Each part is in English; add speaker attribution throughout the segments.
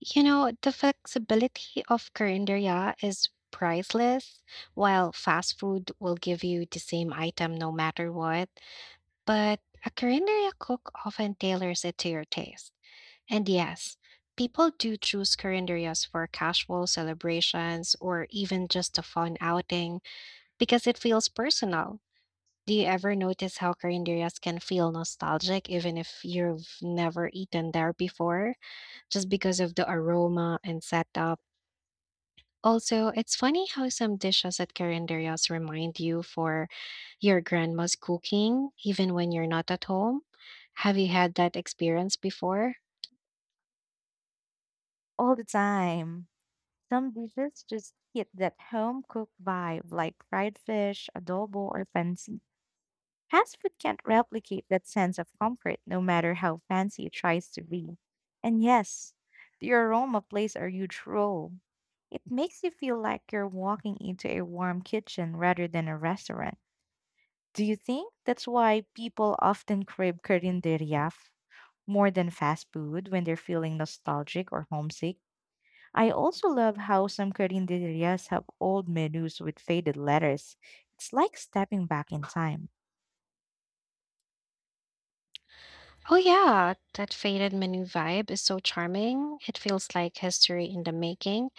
Speaker 1: You know, the flexibility of Corinderia is priceless, while fast food will give you the same item no matter what. But a Corinderia cook often tailors it to your taste. And yes, people do choose Corinderias for casual celebrations or even just a fun outing because it feels personal. Do you ever notice how Corinderias can feel nostalgic even if you've never eaten there before, just because of the aroma and setup? Also, it's funny how some dishes at Carinderias remind you for your grandma's cooking, even when you're not at home. Have you had that experience before?
Speaker 2: All the time. Some dishes just hit that home cooked vibe like fried fish, adobo, or fancy. Fast food can't replicate that sense of comfort no matter how fancy it tries to be. And yes, the aroma plays a huge role. It makes you feel like you're walking into a warm kitchen rather than a restaurant. Do you think that's why people often crave Korean teriyaf more than fast food when they're feeling nostalgic or homesick? I also love how some carinderias have old menus with faded letters. It's like stepping back in time.
Speaker 1: Oh, yeah, that faded menu vibe is so charming. It feels like history in the making.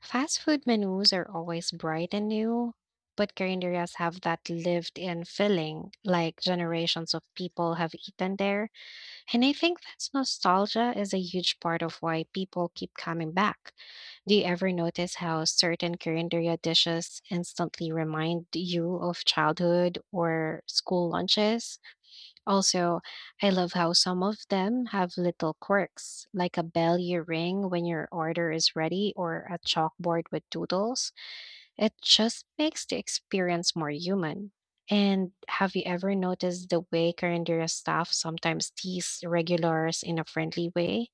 Speaker 1: Fast food menus are always bright and new, but Carinderias have that lived in feeling, like generations of people have eaten there. And I think that nostalgia is a huge part of why people keep coming back. Do you ever notice how certain Korean dishes instantly remind you of childhood or school lunches? Also, I love how some of them have little quirks, like a bell you ring when your order is ready or a chalkboard with doodles. It just makes the experience more human. And have you ever noticed the way Korean staff sometimes tease regulars in a friendly way?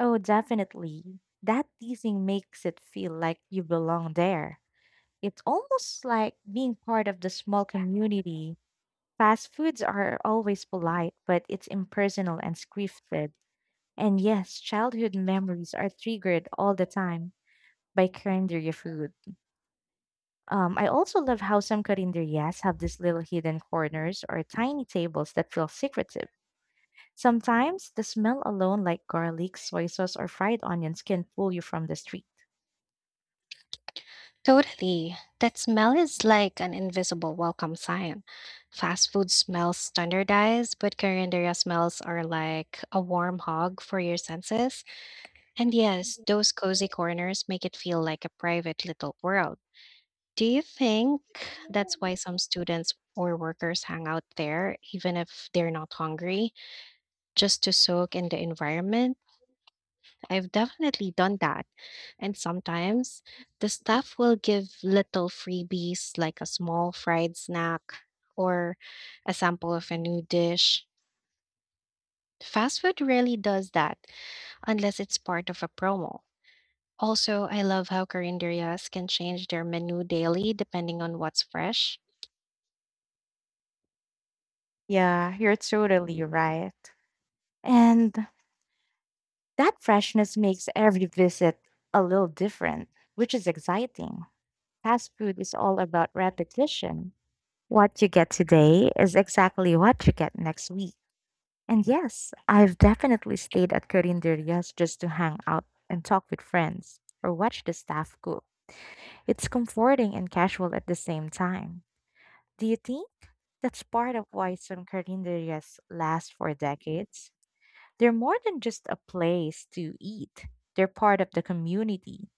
Speaker 2: Oh, definitely. That teasing makes it feel like you belong there. It's almost like being part of the small community. Fast foods are always polite, but it's impersonal and scripted. And yes, childhood memories are triggered all the time by carinderia food. I also love how some carinderias have these little hidden corners or tiny tables that feel secretive. Sometimes the smell alone, like garlic, soy sauce, or fried onions, can pull you from the street.
Speaker 1: Totally. That smell is like an invisible welcome sign. Fast food smells standardized, but Carinderia smells are like a warm hug for your senses. And yes, those cozy corners make it feel like a private little world. Do you think that's why some students or workers hang out there, even if they're not hungry, just to soak in the environment? I've definitely done that. And sometimes the staff will give little freebies like a small fried snack or a sample of a new dish. Fast food rarely does that unless it's part of a promo. Also, I love how carinderias can change their menu daily depending on what's fresh.
Speaker 2: Yeah, you're totally right. And that freshness makes every visit a little different, which is exciting. Fast food is all about repetition. What you get today is exactly what you get next week. And yes, I've definitely stayed at Carinderias just to hang out and talk with friends or watch the staff cook. It's comforting and casual at the same time. Do you think that's part of why some Carinderias last for decades? They're more than just a place to eat. They're part of the community,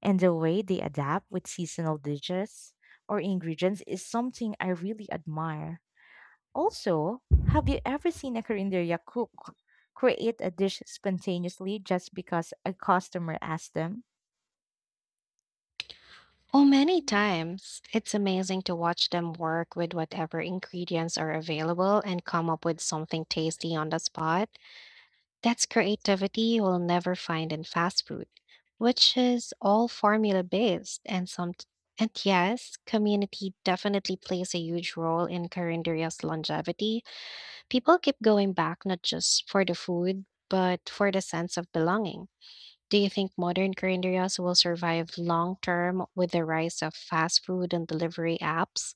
Speaker 2: and the way they adapt with seasonal dishes or ingredients is something I really admire. Also, have you ever seen a Korean cook create a dish spontaneously just because a customer asked them?
Speaker 1: Oh, many times. It's amazing to watch them work with whatever ingredients are available and come up with something tasty on the spot. That's creativity you'll never find in fast food, which is all formula based and some and yes, community definitely plays a huge role in Carinderia's longevity. People keep going back not just for the food, but for the sense of belonging. Do you think modern Carinderias will survive long term with the rise of fast food and delivery apps?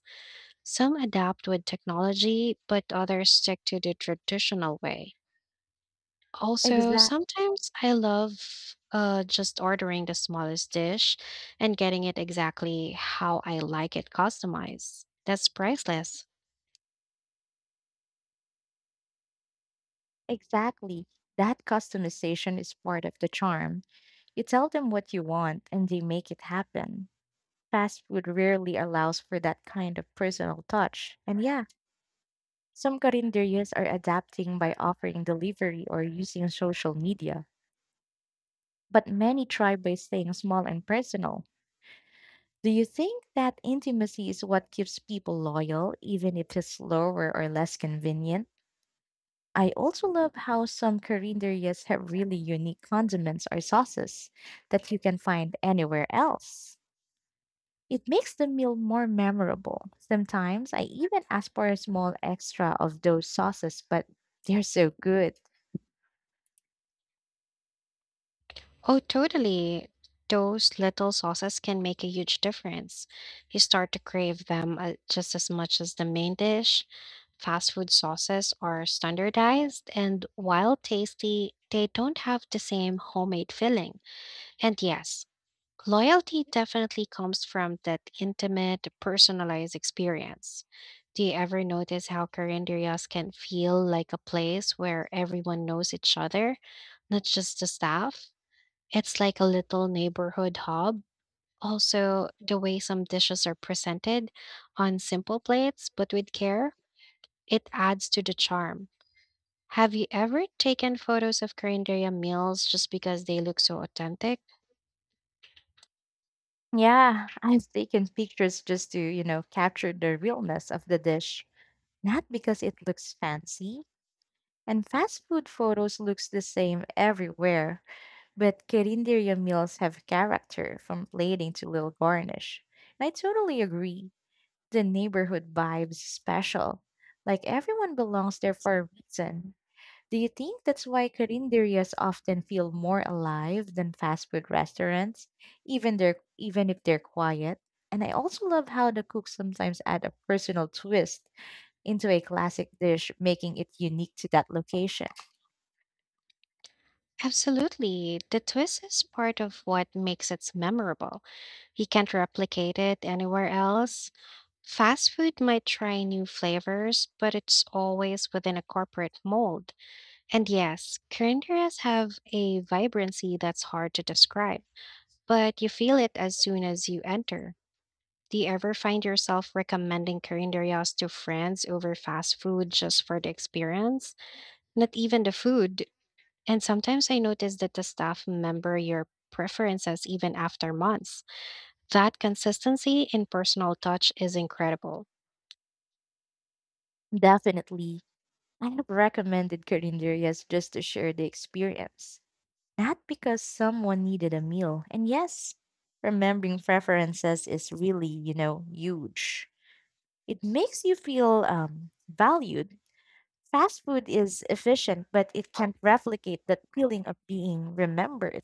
Speaker 1: Some adapt with technology, but others stick to the traditional way. Also,
Speaker 2: Exact,
Speaker 1: sometimes I love just ordering the smallest dish and getting it exactly how I like it customized. That's priceless.
Speaker 2: exactly. That customization is part of the charm. You tell them what you want and they make it happen. Fast food rarely allows for that kind of personal touch. And yeah, some carinderias are adapting by offering delivery or using social media, but many try by staying small and personal. Do you think that intimacy is what keeps people loyal, even if it's slower or less convenient? I also love how some carinderias have really unique condiments or sauces that you can find anywhere else. It makes the meal more memorable. Sometimes I even ask for a small extra of those sauces, but they're so good.
Speaker 1: Oh, totally. Those little sauces can make a huge difference. You start to crave them just as much as the main dish. Fast food sauces are standardized, and while tasty, they don't have the same homemade filling. And yes, loyalty definitely comes from that intimate, personalized experience. Do you ever notice how Carinderias can feel like a place where everyone knows each other, not just the staff? It's like a little neighborhood hub. Also, the way some dishes are presented on simple plates but with care, it adds to the charm. Have you ever taken photos of Carinderia meals just because they look so authentic?
Speaker 2: Yeah, I've taken pictures just to, you know, capture the realness of the dish. Not because it looks fancy, and fast food photos looks the same everywhere, but Carinderia meals have character from plating to little garnish. And I totally agree. The neighborhood vibe's special. Like everyone belongs there for a reason. Do you think that's why Carinderias often feel more alive than fast food restaurants, even if they're quiet? And I also love how the cooks sometimes add a personal twist into a classic dish, making it unique to that location.
Speaker 1: Absolutely. The twist is part of what makes it memorable. You can't replicate it anywhere else. Fast food might try new flavors, but it's always within a corporate mold. And yes, Koreans have a vibrancy that's hard to describe, but you feel it as soon as you enter. Do you ever find yourself recommending Korean to friends over fast food just for the experience? Not even the food, and sometimes I notice that the staff member your preferences even after months. That consistency in personal touch is incredible.
Speaker 2: Definitely. I have recommended Carinderias just to share the experience, not because someone needed a meal. And yes, remembering preferences is really, you know, huge. It makes you feel valued. Fast food is efficient, but it can't replicate that feeling of being remembered.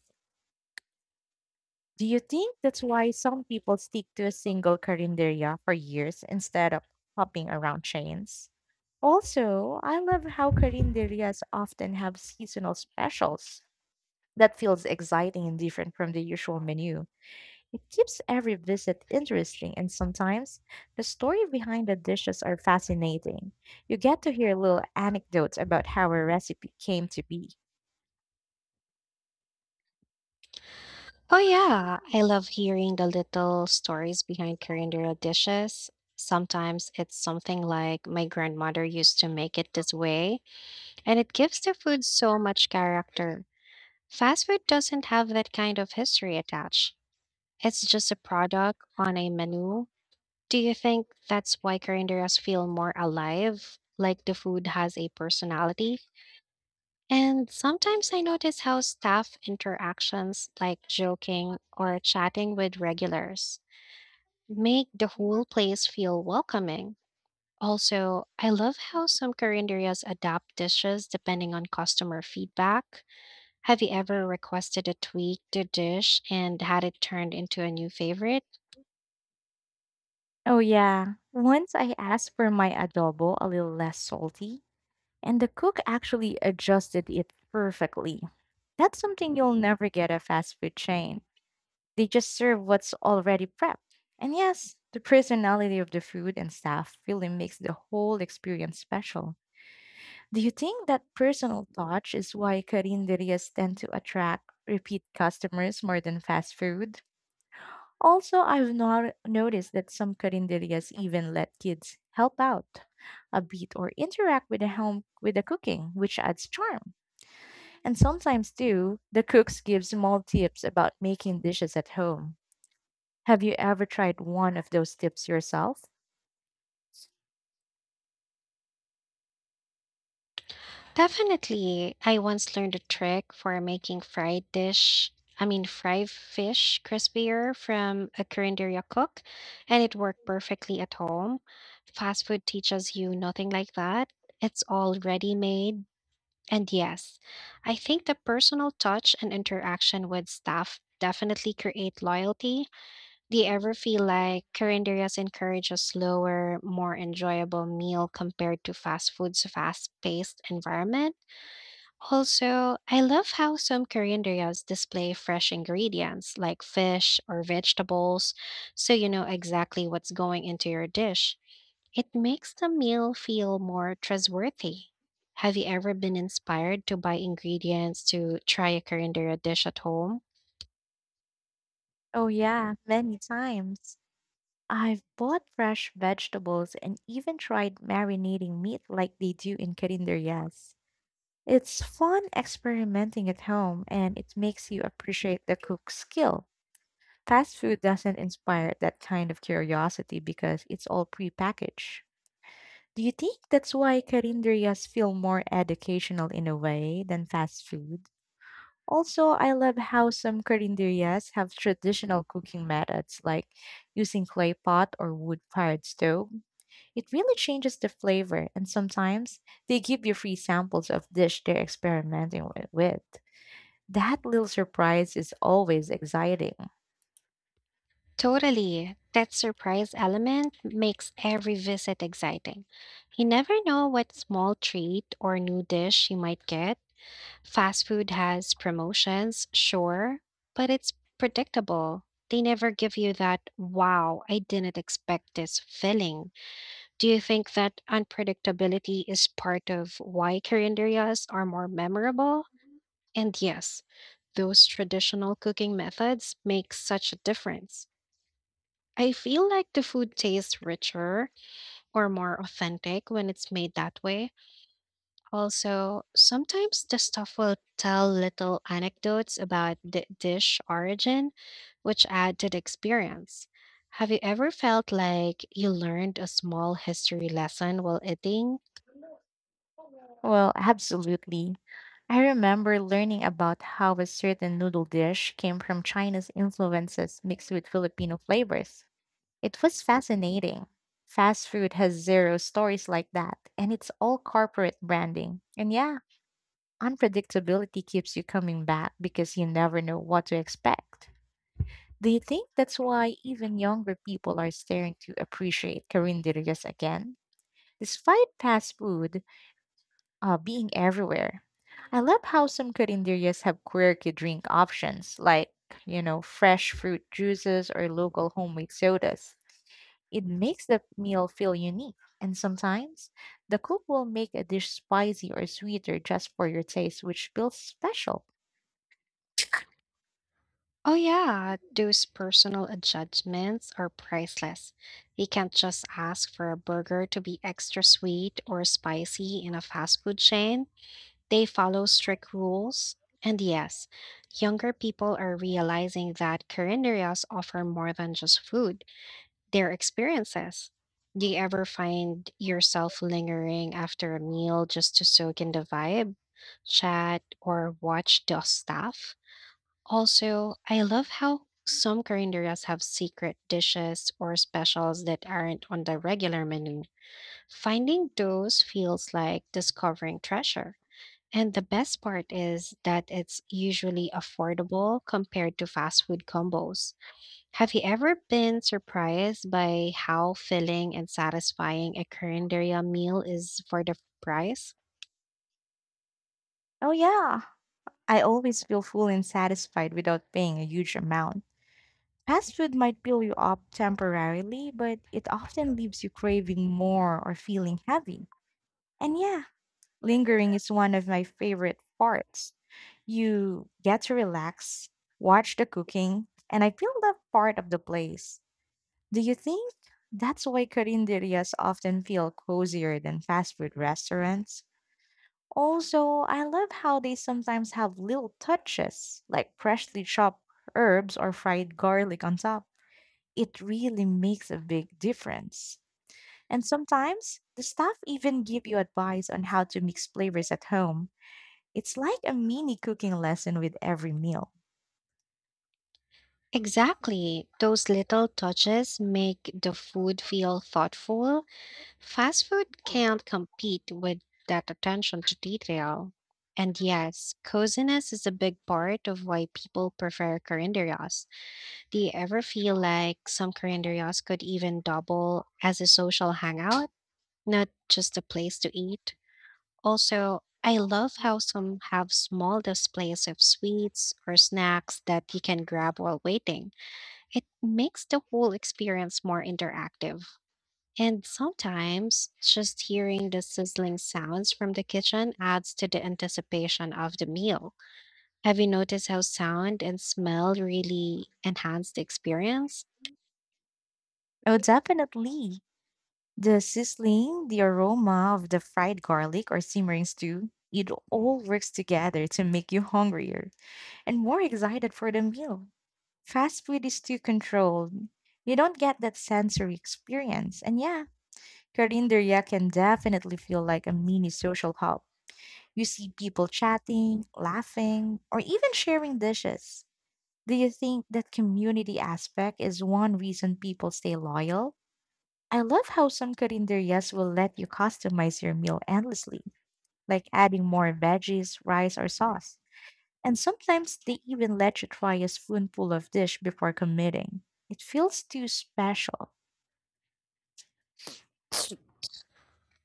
Speaker 2: Do you think that's why some people stick to a single carinderia for years instead of hopping around chains? Also, I love how carinderias often have seasonal specials that feels exciting and different from the usual menu. It keeps every visit interesting and sometimes the story behind the dishes are fascinating. You get to hear little anecdotes about how a recipe came to be.
Speaker 1: Oh, yeah, I love hearing the little stories behind calendar dishes. Sometimes it's something like my grandmother used to make it this way, and it gives the food so much character. Fast food doesn't have that kind of history attached. It's just a product on a menu. Do you think that's why carinderias feel more alive, like the food has a personality? And sometimes I notice how staff interactions, like joking or chatting with regulars, make the whole place feel welcoming. Also, I love how some carinderias adapt dishes depending on customer feedback. Have you ever requested a tweak to dish and had it turned into a new favorite?
Speaker 2: Oh yeah, once I asked for my adobo a little less salty and the cook actually adjusted it perfectly. That's something you'll never get at fast food chain. They just serve what's already prepped. And yes, the personality of the food and staff really makes the whole experience special. Do you think that personal touch is why carinderias tend to attract repeat customers more than fast food? Also, I've not noticed that some carinderias even let kids help out a bit or interact with the home with the cooking, which adds charm. And sometimes too, the cooks give small tips about making dishes at home. Have you ever tried one of those tips yourself?
Speaker 1: Definitely. I once learned a trick for making fried dish, I mean fried fish crispier from a Korean cook, and it worked perfectly at home. Fast food teaches you nothing like that. It's all ready made. And yes, I think the personal touch and interaction with staff definitely create loyalty. Do you ever feel like Koreanderias encourage a slower, more enjoyable meal compared to fast food's fast-paced environment? Also, I love how some Korean restaurants display fresh ingredients like fish or vegetables, so you know exactly what's going into your dish. It makes the meal feel more trustworthy. Have you ever been inspired to buy ingredients to try a Korean dera dish at home?
Speaker 2: Oh, yeah, many times. I've bought fresh vegetables and even tried marinating meat like they do in yes. It's fun experimenting at home and it makes you appreciate the cook's skill. Fast food doesn't inspire that kind of curiosity because it's all prepackaged. Do you think that's why carinderias feel more educational in a way than fast food? Also, I love how some carinderias have traditional cooking methods like using clay pot or wood-fired stove. It really changes the flavor, and sometimes they give you free samples of dish they're experimenting with. That little surprise is always exciting.
Speaker 1: Totally. That surprise element makes every visit exciting. You never know what small treat or new dish you might get. Fast food has promotions, sure, but it's predictable. They never give you that, wow, I didn't expect this feeling. Do you think that unpredictability is part of why calendarias are more memorable? And yes, those traditional cooking methods make such a difference. I feel like the food tastes richer or more authentic when it's made that way. Also, sometimes the staff will tell little anecdotes about the dish origin, which add to the experience. Have you ever felt like you learned a small history lesson while eating?
Speaker 2: Well, absolutely. I remember learning about how a certain noodle dish came from China's influences mixed with Filipino flavors. It was fascinating. Fast food has zero stories like that, and it's all corporate branding. And yeah, unpredictability keeps you coming back because you never know what to expect. Do you think that's why even younger people are starting to appreciate Carinderias again? Despite fast food, being everywhere. I love how some Corinderías have quirky drink options like, you know, fresh fruit juices or local homemade sodas. It makes the meal feel unique, and sometimes the cook will make a dish spicy or sweeter just for your taste, which feels special.
Speaker 1: Oh, yeah, those personal adjustments are priceless. You can't just ask for a burger to be extra sweet or spicy in a fast food chain. They follow strict rules. And yes, younger people are realizing that carinderias offer more than just food, they're experiences. Do you ever find yourself lingering after a meal just to soak in the vibe, chat, or watch the staff? Also, I love how some carinderias have secret dishes or specials that aren't on the regular menu. Finding those feels like discovering treasure. And the best part is that it's usually affordable compared to fast food combos. Have you ever been surprised by how filling and satisfying a Korean meal is for the price?
Speaker 2: Oh, yeah, I always feel full and satisfied without paying a huge amount. Fast food might fill you up temporarily, but it often leaves you craving more or feeling heavy. And yeah, lingering is one of my favorite parts. You get to relax, watch the cooking, and I feel that part of the place. Do you think that's why carinderias often feel cozier than fast food restaurants? Also, I love how they sometimes have little touches like freshly chopped herbs or fried garlic on top. It really makes a big difference. And sometimes the staff even give you advice on how to mix flavors at home. It's like a mini cooking lesson with every meal.
Speaker 1: Exactly. Those little touches make the food feel thoughtful. Fast food can't compete with that attention to detail. And yes, coziness is a big part of why people prefer Korean. Do you ever feel like some Korean restaurants could even double as a social hangout, not just a place to eat? Also, I love how some have small displays of sweets or snacks that you can grab while waiting. It makes the whole experience more interactive. And sometimes just hearing the sizzling sounds from the kitchen adds to the anticipation of the meal. Have you noticed how sound and smell really enhance the experience?
Speaker 2: Oh, definitely. The sizzling, the aroma of the fried garlic or simmering stew, it all works together to make you hungrier and more excited for the meal. Fast food is too controlled. You don't get that sensory experience. And yeah, Karinderya can definitely feel like a mini social hub. You see people chatting, laughing, or even sharing dishes. Do you think that community aspect is one reason people stay loyal? I love how some carinderias will let you customize your meal endlessly, like adding more veggies, rice, or sauce. And sometimes they even let you try a spoonful of dish before committing. It feels too special.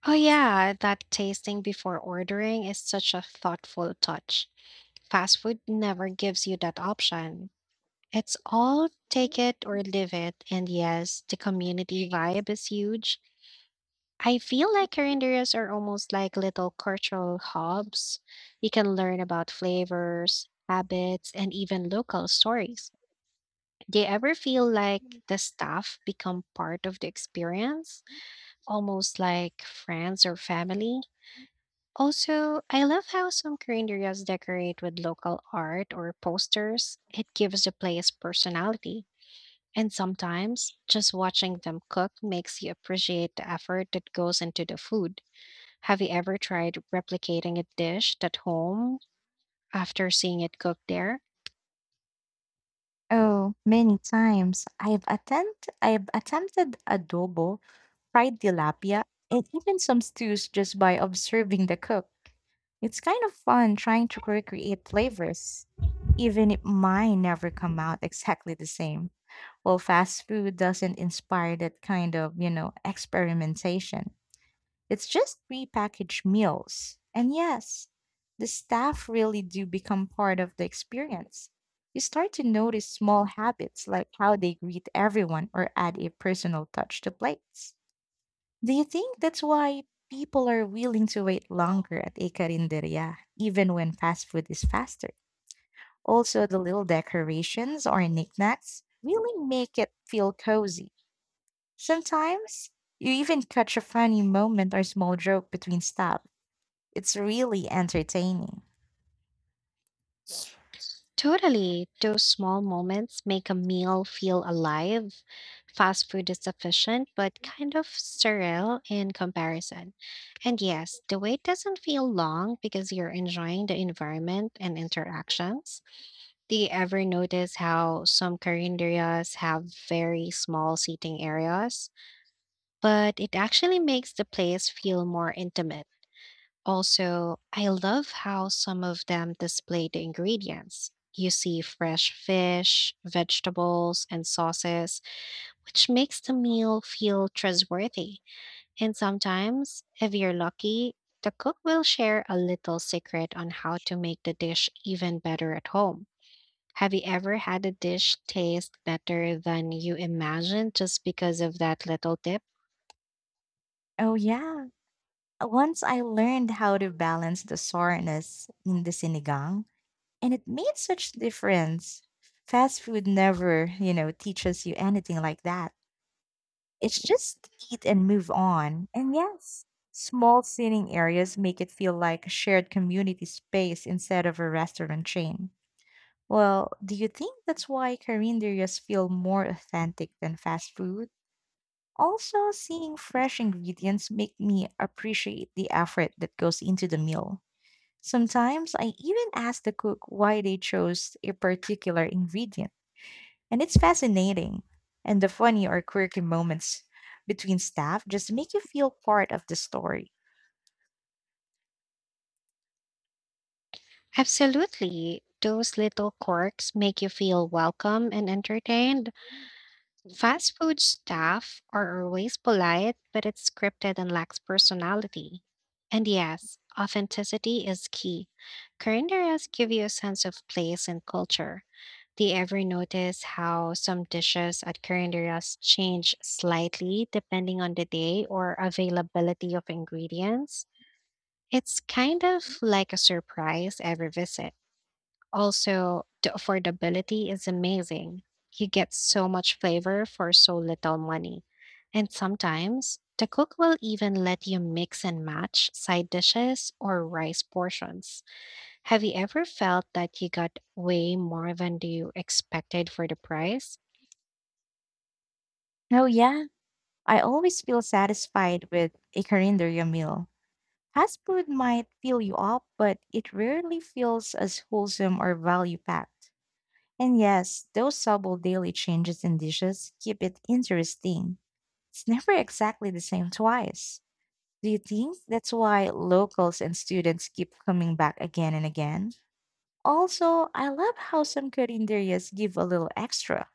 Speaker 1: Oh, yeah, that tasting before ordering is such a thoughtful touch. Fast food never gives you that option. It's all take it or leave it. And yes, the community vibe is huge. I feel like carinderias are almost like little cultural hubs. You can learn about flavors, habits, and even local stories. Do you ever feel like the staff become part of the experience, almost like friends or family? Also, I love how some Korean areas decorate with local art or posters. It gives the place personality. And sometimes just watching them cook makes you appreciate the effort that goes into the food. Have you ever tried replicating a dish at home after seeing it cooked there?
Speaker 2: Oh, many times I've attempted adobo, fried tilapia, and even some stews just by observing the cook. It's kind of fun trying to recreate flavors, even if mine never come out exactly the same. Well, fast food doesn't inspire that kind of, you know, experimentation. It's just prepackaged meals. And yes, the staff really do become part of the experience. You start to notice small habits like how they greet everyone or add a personal touch to plates. Do you think that's why people are willing to wait longer at a carinderia, even when fast food is faster? Also, the little decorations or knickknacks really make it feel cozy. Sometimes you even catch a funny moment or small joke between staff. It's really entertaining.
Speaker 1: Totally. Those small moments make a meal feel alive. Fast food is efficient, but kind of sterile in comparison. And yes, the wait doesn't feel long because you're enjoying the environment and interactions. Do you ever notice how some carinderias have very small seating areas? But it actually makes the place feel more intimate. Also, I love how some of them display the ingredients. You see fresh fish, vegetables, and sauces, which makes the meal feel trustworthy. And sometimes, if you're lucky, the cook will share a little secret on how to make the dish even better at home. Have you ever had a dish taste better than you imagined just because of that little tip?
Speaker 2: Oh yeah. Once I learned how to balance the soreness in the sinigang, and it made such difference. Fast food never, you know, teaches you anything like that. It's just eat and move on. And yes, small seating areas make it feel like a shared community space instead of a restaurant chain. Well, do you think that's why Korean areas feel more authentic than fast food? Also, seeing fresh ingredients make me appreciate the effort that goes into the meal. Sometimes I even ask the cook why they chose a particular ingredient. And it's fascinating. And the funny or quirky moments between staff just make you feel part of the story.
Speaker 1: Absolutely. Those little quirks make you feel welcome and entertained. Fast food staff are always polite, but it's scripted and lacks personality. And yes, authenticity is key. Korean areas give you a sense of place and culture. Do you ever notice how some dishes at Korean areas change slightly depending on the day or availability of ingredients? It's kind of like a surprise every visit. Also, the affordability is amazing. You get so much flavor for so little money. And sometimes, the cook will even let you mix and match side dishes or rice portions. Have you ever felt that you got way more than you expected for the price?
Speaker 2: Oh, yeah. I always feel satisfied with a carinderia meal. Fast food might fill you up, but it rarely feels as wholesome or value packed. And yes, those subtle daily changes in dishes keep it interesting. It's never exactly the same twice. Do you think that's why locals and students keep coming back again and again? Also, I love how some carinderias give a little extra,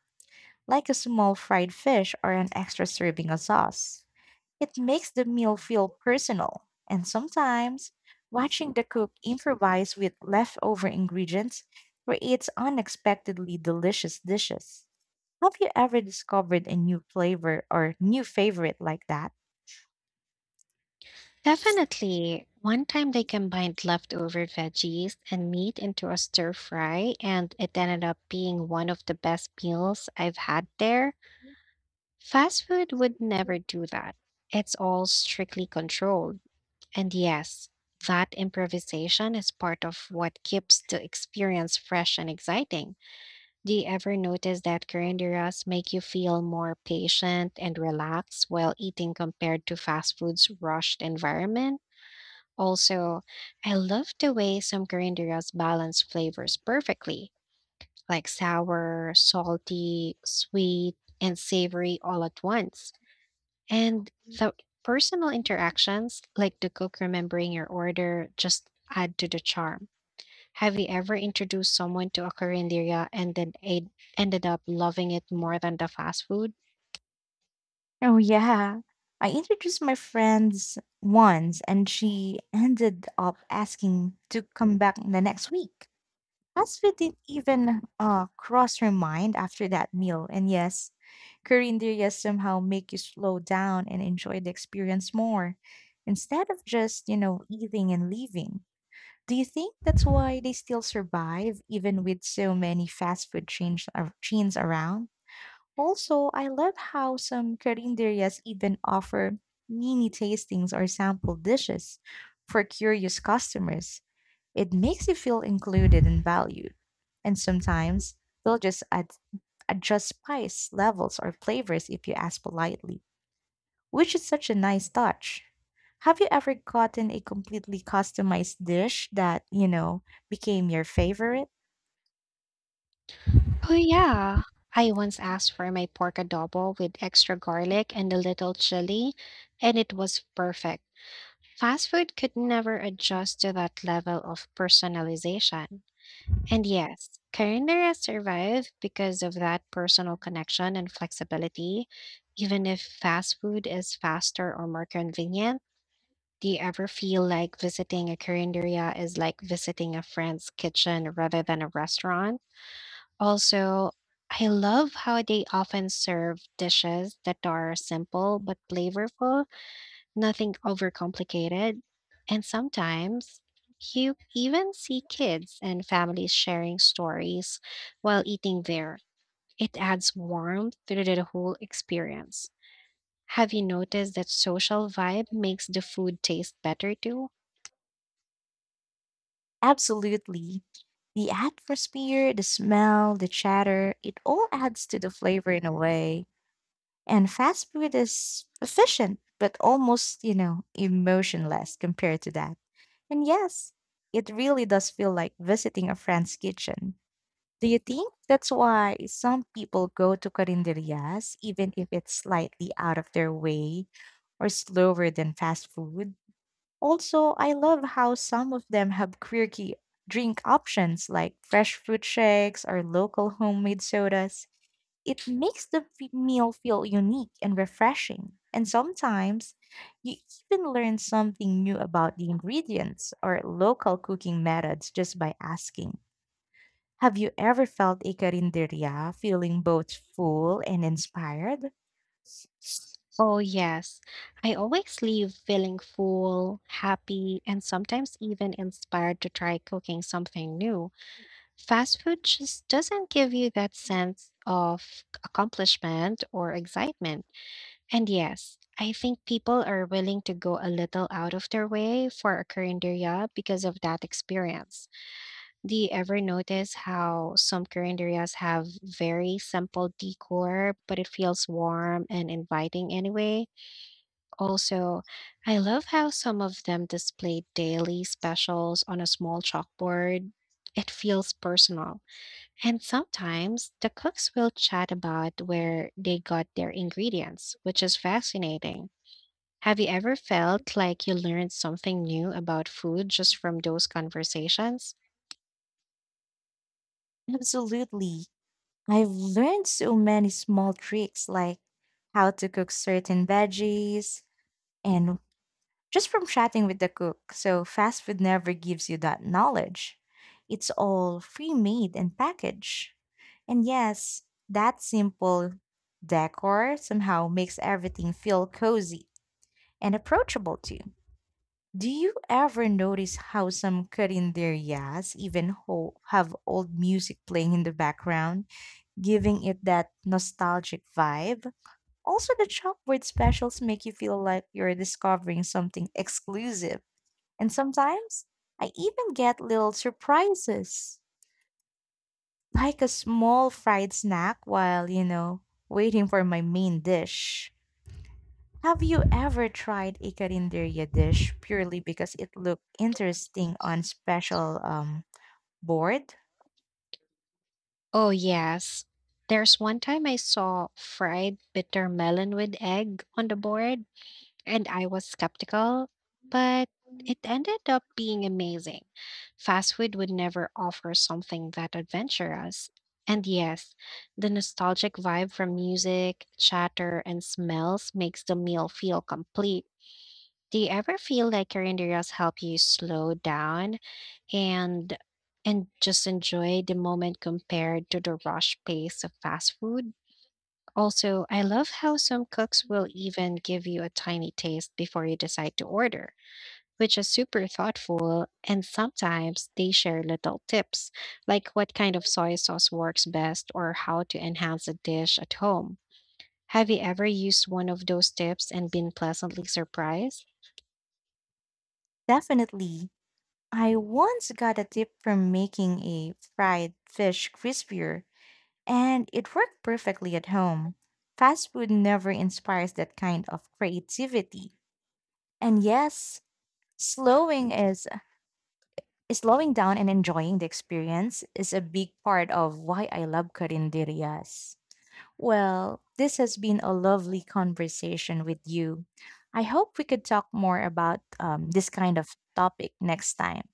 Speaker 2: like a small fried fish or an extra serving of sauce. It makes the meal feel personal, and sometimes watching the cook improvise with leftover ingredients creates unexpectedly delicious dishes. Have you ever discovered a new flavor or new favorite like that?
Speaker 1: Definitely. One time they combined leftover veggies and meat into a stir fry, and it ended up being one of the best meals I've had there. Fast food would never do that. It's all strictly controlled. And yes, that improvisation is part of what keeps the experience fresh and exciting. Do you ever notice that carinderas make you feel more patient and relaxed while eating compared to fast food's rushed environment? Also, I love the way some carinderas balance flavors perfectly, like sour, salty, sweet, and savory all at once. And the personal interactions, like the cook remembering your order, just add to the charm. Have you ever introduced someone to a Korean area and ended up loving it more than the fast food?
Speaker 2: Oh, yeah. I introduced my friends once and she ended up asking to come back the next week. Fast food didn't even cross her mind after that meal. And yes, Korean derias somehow make you slow down and enjoy the experience more instead of just, you know, eating and leaving. Do you think that's why they still survive even with so many fast food chains around? Also, I love how some carinderias even offer mini tastings or sample dishes for curious customers. It makes you feel included and valued. And sometimes they'll just add, adjust spice levels or flavors if you ask politely, which is such a nice touch. Have you ever gotten a completely customized dish that, you know, became your favorite?
Speaker 1: Oh, yeah. I once asked for my pork adobo with extra garlic and a little chili, and it was perfect. Fast food could never adjust to that level of personalization. And yes, Karinderia survived because of that personal connection and flexibility. Even if fast food is faster or more convenient, do you ever feel like visiting a Karinderia is like visiting a friend's kitchen rather than a restaurant? Also, I love how they often serve dishes that are simple but flavorful, nothing overcomplicated. And sometimes you even see kids and families sharing stories while eating there. It adds warmth to the whole experience. Have you noticed that social vibe makes the food taste better too?
Speaker 2: Absolutely. The atmosphere, the smell, the chatter, it all adds to the flavor in a way. And fast food is efficient, but almost, you know, emotionless compared to that. And yes, it really does feel like visiting a friend's kitchen. Do you think that's why some people go to carinderias, even if it's slightly out of their way or slower than fast food? Also, I love how some of them have quirky drink options like fresh fruit shakes or local homemade sodas. It makes the meal feel unique and refreshing. And sometimes you even learn something new about the ingredients or local cooking methods just by asking. Have you ever felt a carinderia feeling both full and inspired?
Speaker 1: Oh, yes. I always leave feeling full, happy, and sometimes even inspired to try cooking something new. Fast food just doesn't give you that sense of accomplishment or excitement. And yes, I think people are willing to go a little out of their way for a carinderia because of that experience. Do you ever notice how some carinderias have very simple decor, but it feels warm and inviting anyway? Also, I love how some of them display daily specials on a small chalkboard. It feels personal. And sometimes the cooks will chat about where they got their ingredients, which is fascinating. Have you ever felt like you learned something new about food just from those conversations?
Speaker 2: Absolutely. I've learned so many small tricks like how to cook certain veggies and just from chatting with the cook. So fast food never gives you that knowledge. It's all pre-made and packaged. And yes, that simple decor somehow makes everything feel cozy and approachable too. Do you ever notice how some cut in their have old music playing in the background, giving it that nostalgic vibe? Also, the chalkboard specials make you feel like you're discovering something exclusive. And sometimes I even get little surprises, like a small fried snack while, you know, waiting for my main dish. Have you ever tried a carinderia dish purely because it looked interesting on special board?
Speaker 1: Oh, yes. There's one time I saw fried bitter melon with egg on the board, and I was skeptical, but it ended up being amazing. Fast food would never offer something that adventurous. And yes, the nostalgic vibe from music, chatter, and smells makes the meal feel complete. Do you ever feel like carinderias help you slow down and just enjoy the moment compared to the rush pace of fast food? Also, I love how some cooks will even give you a tiny taste before you decide to order, which is super thoughtful. And sometimes they share little tips, like what kind of soy sauce works best or how to enhance a dish at home. Have you ever used one of those tips and been pleasantly surprised?
Speaker 2: Definitely. I once got a tip from making a fried fish crispier, and it worked perfectly at home. Fast food never inspires that kind of creativity. And yes, slowing is slowing down and enjoying the experience is a big part of why I love carinderias. Well, this has been a lovely conversation with you. I hope we could talk more about this kind of topic next time.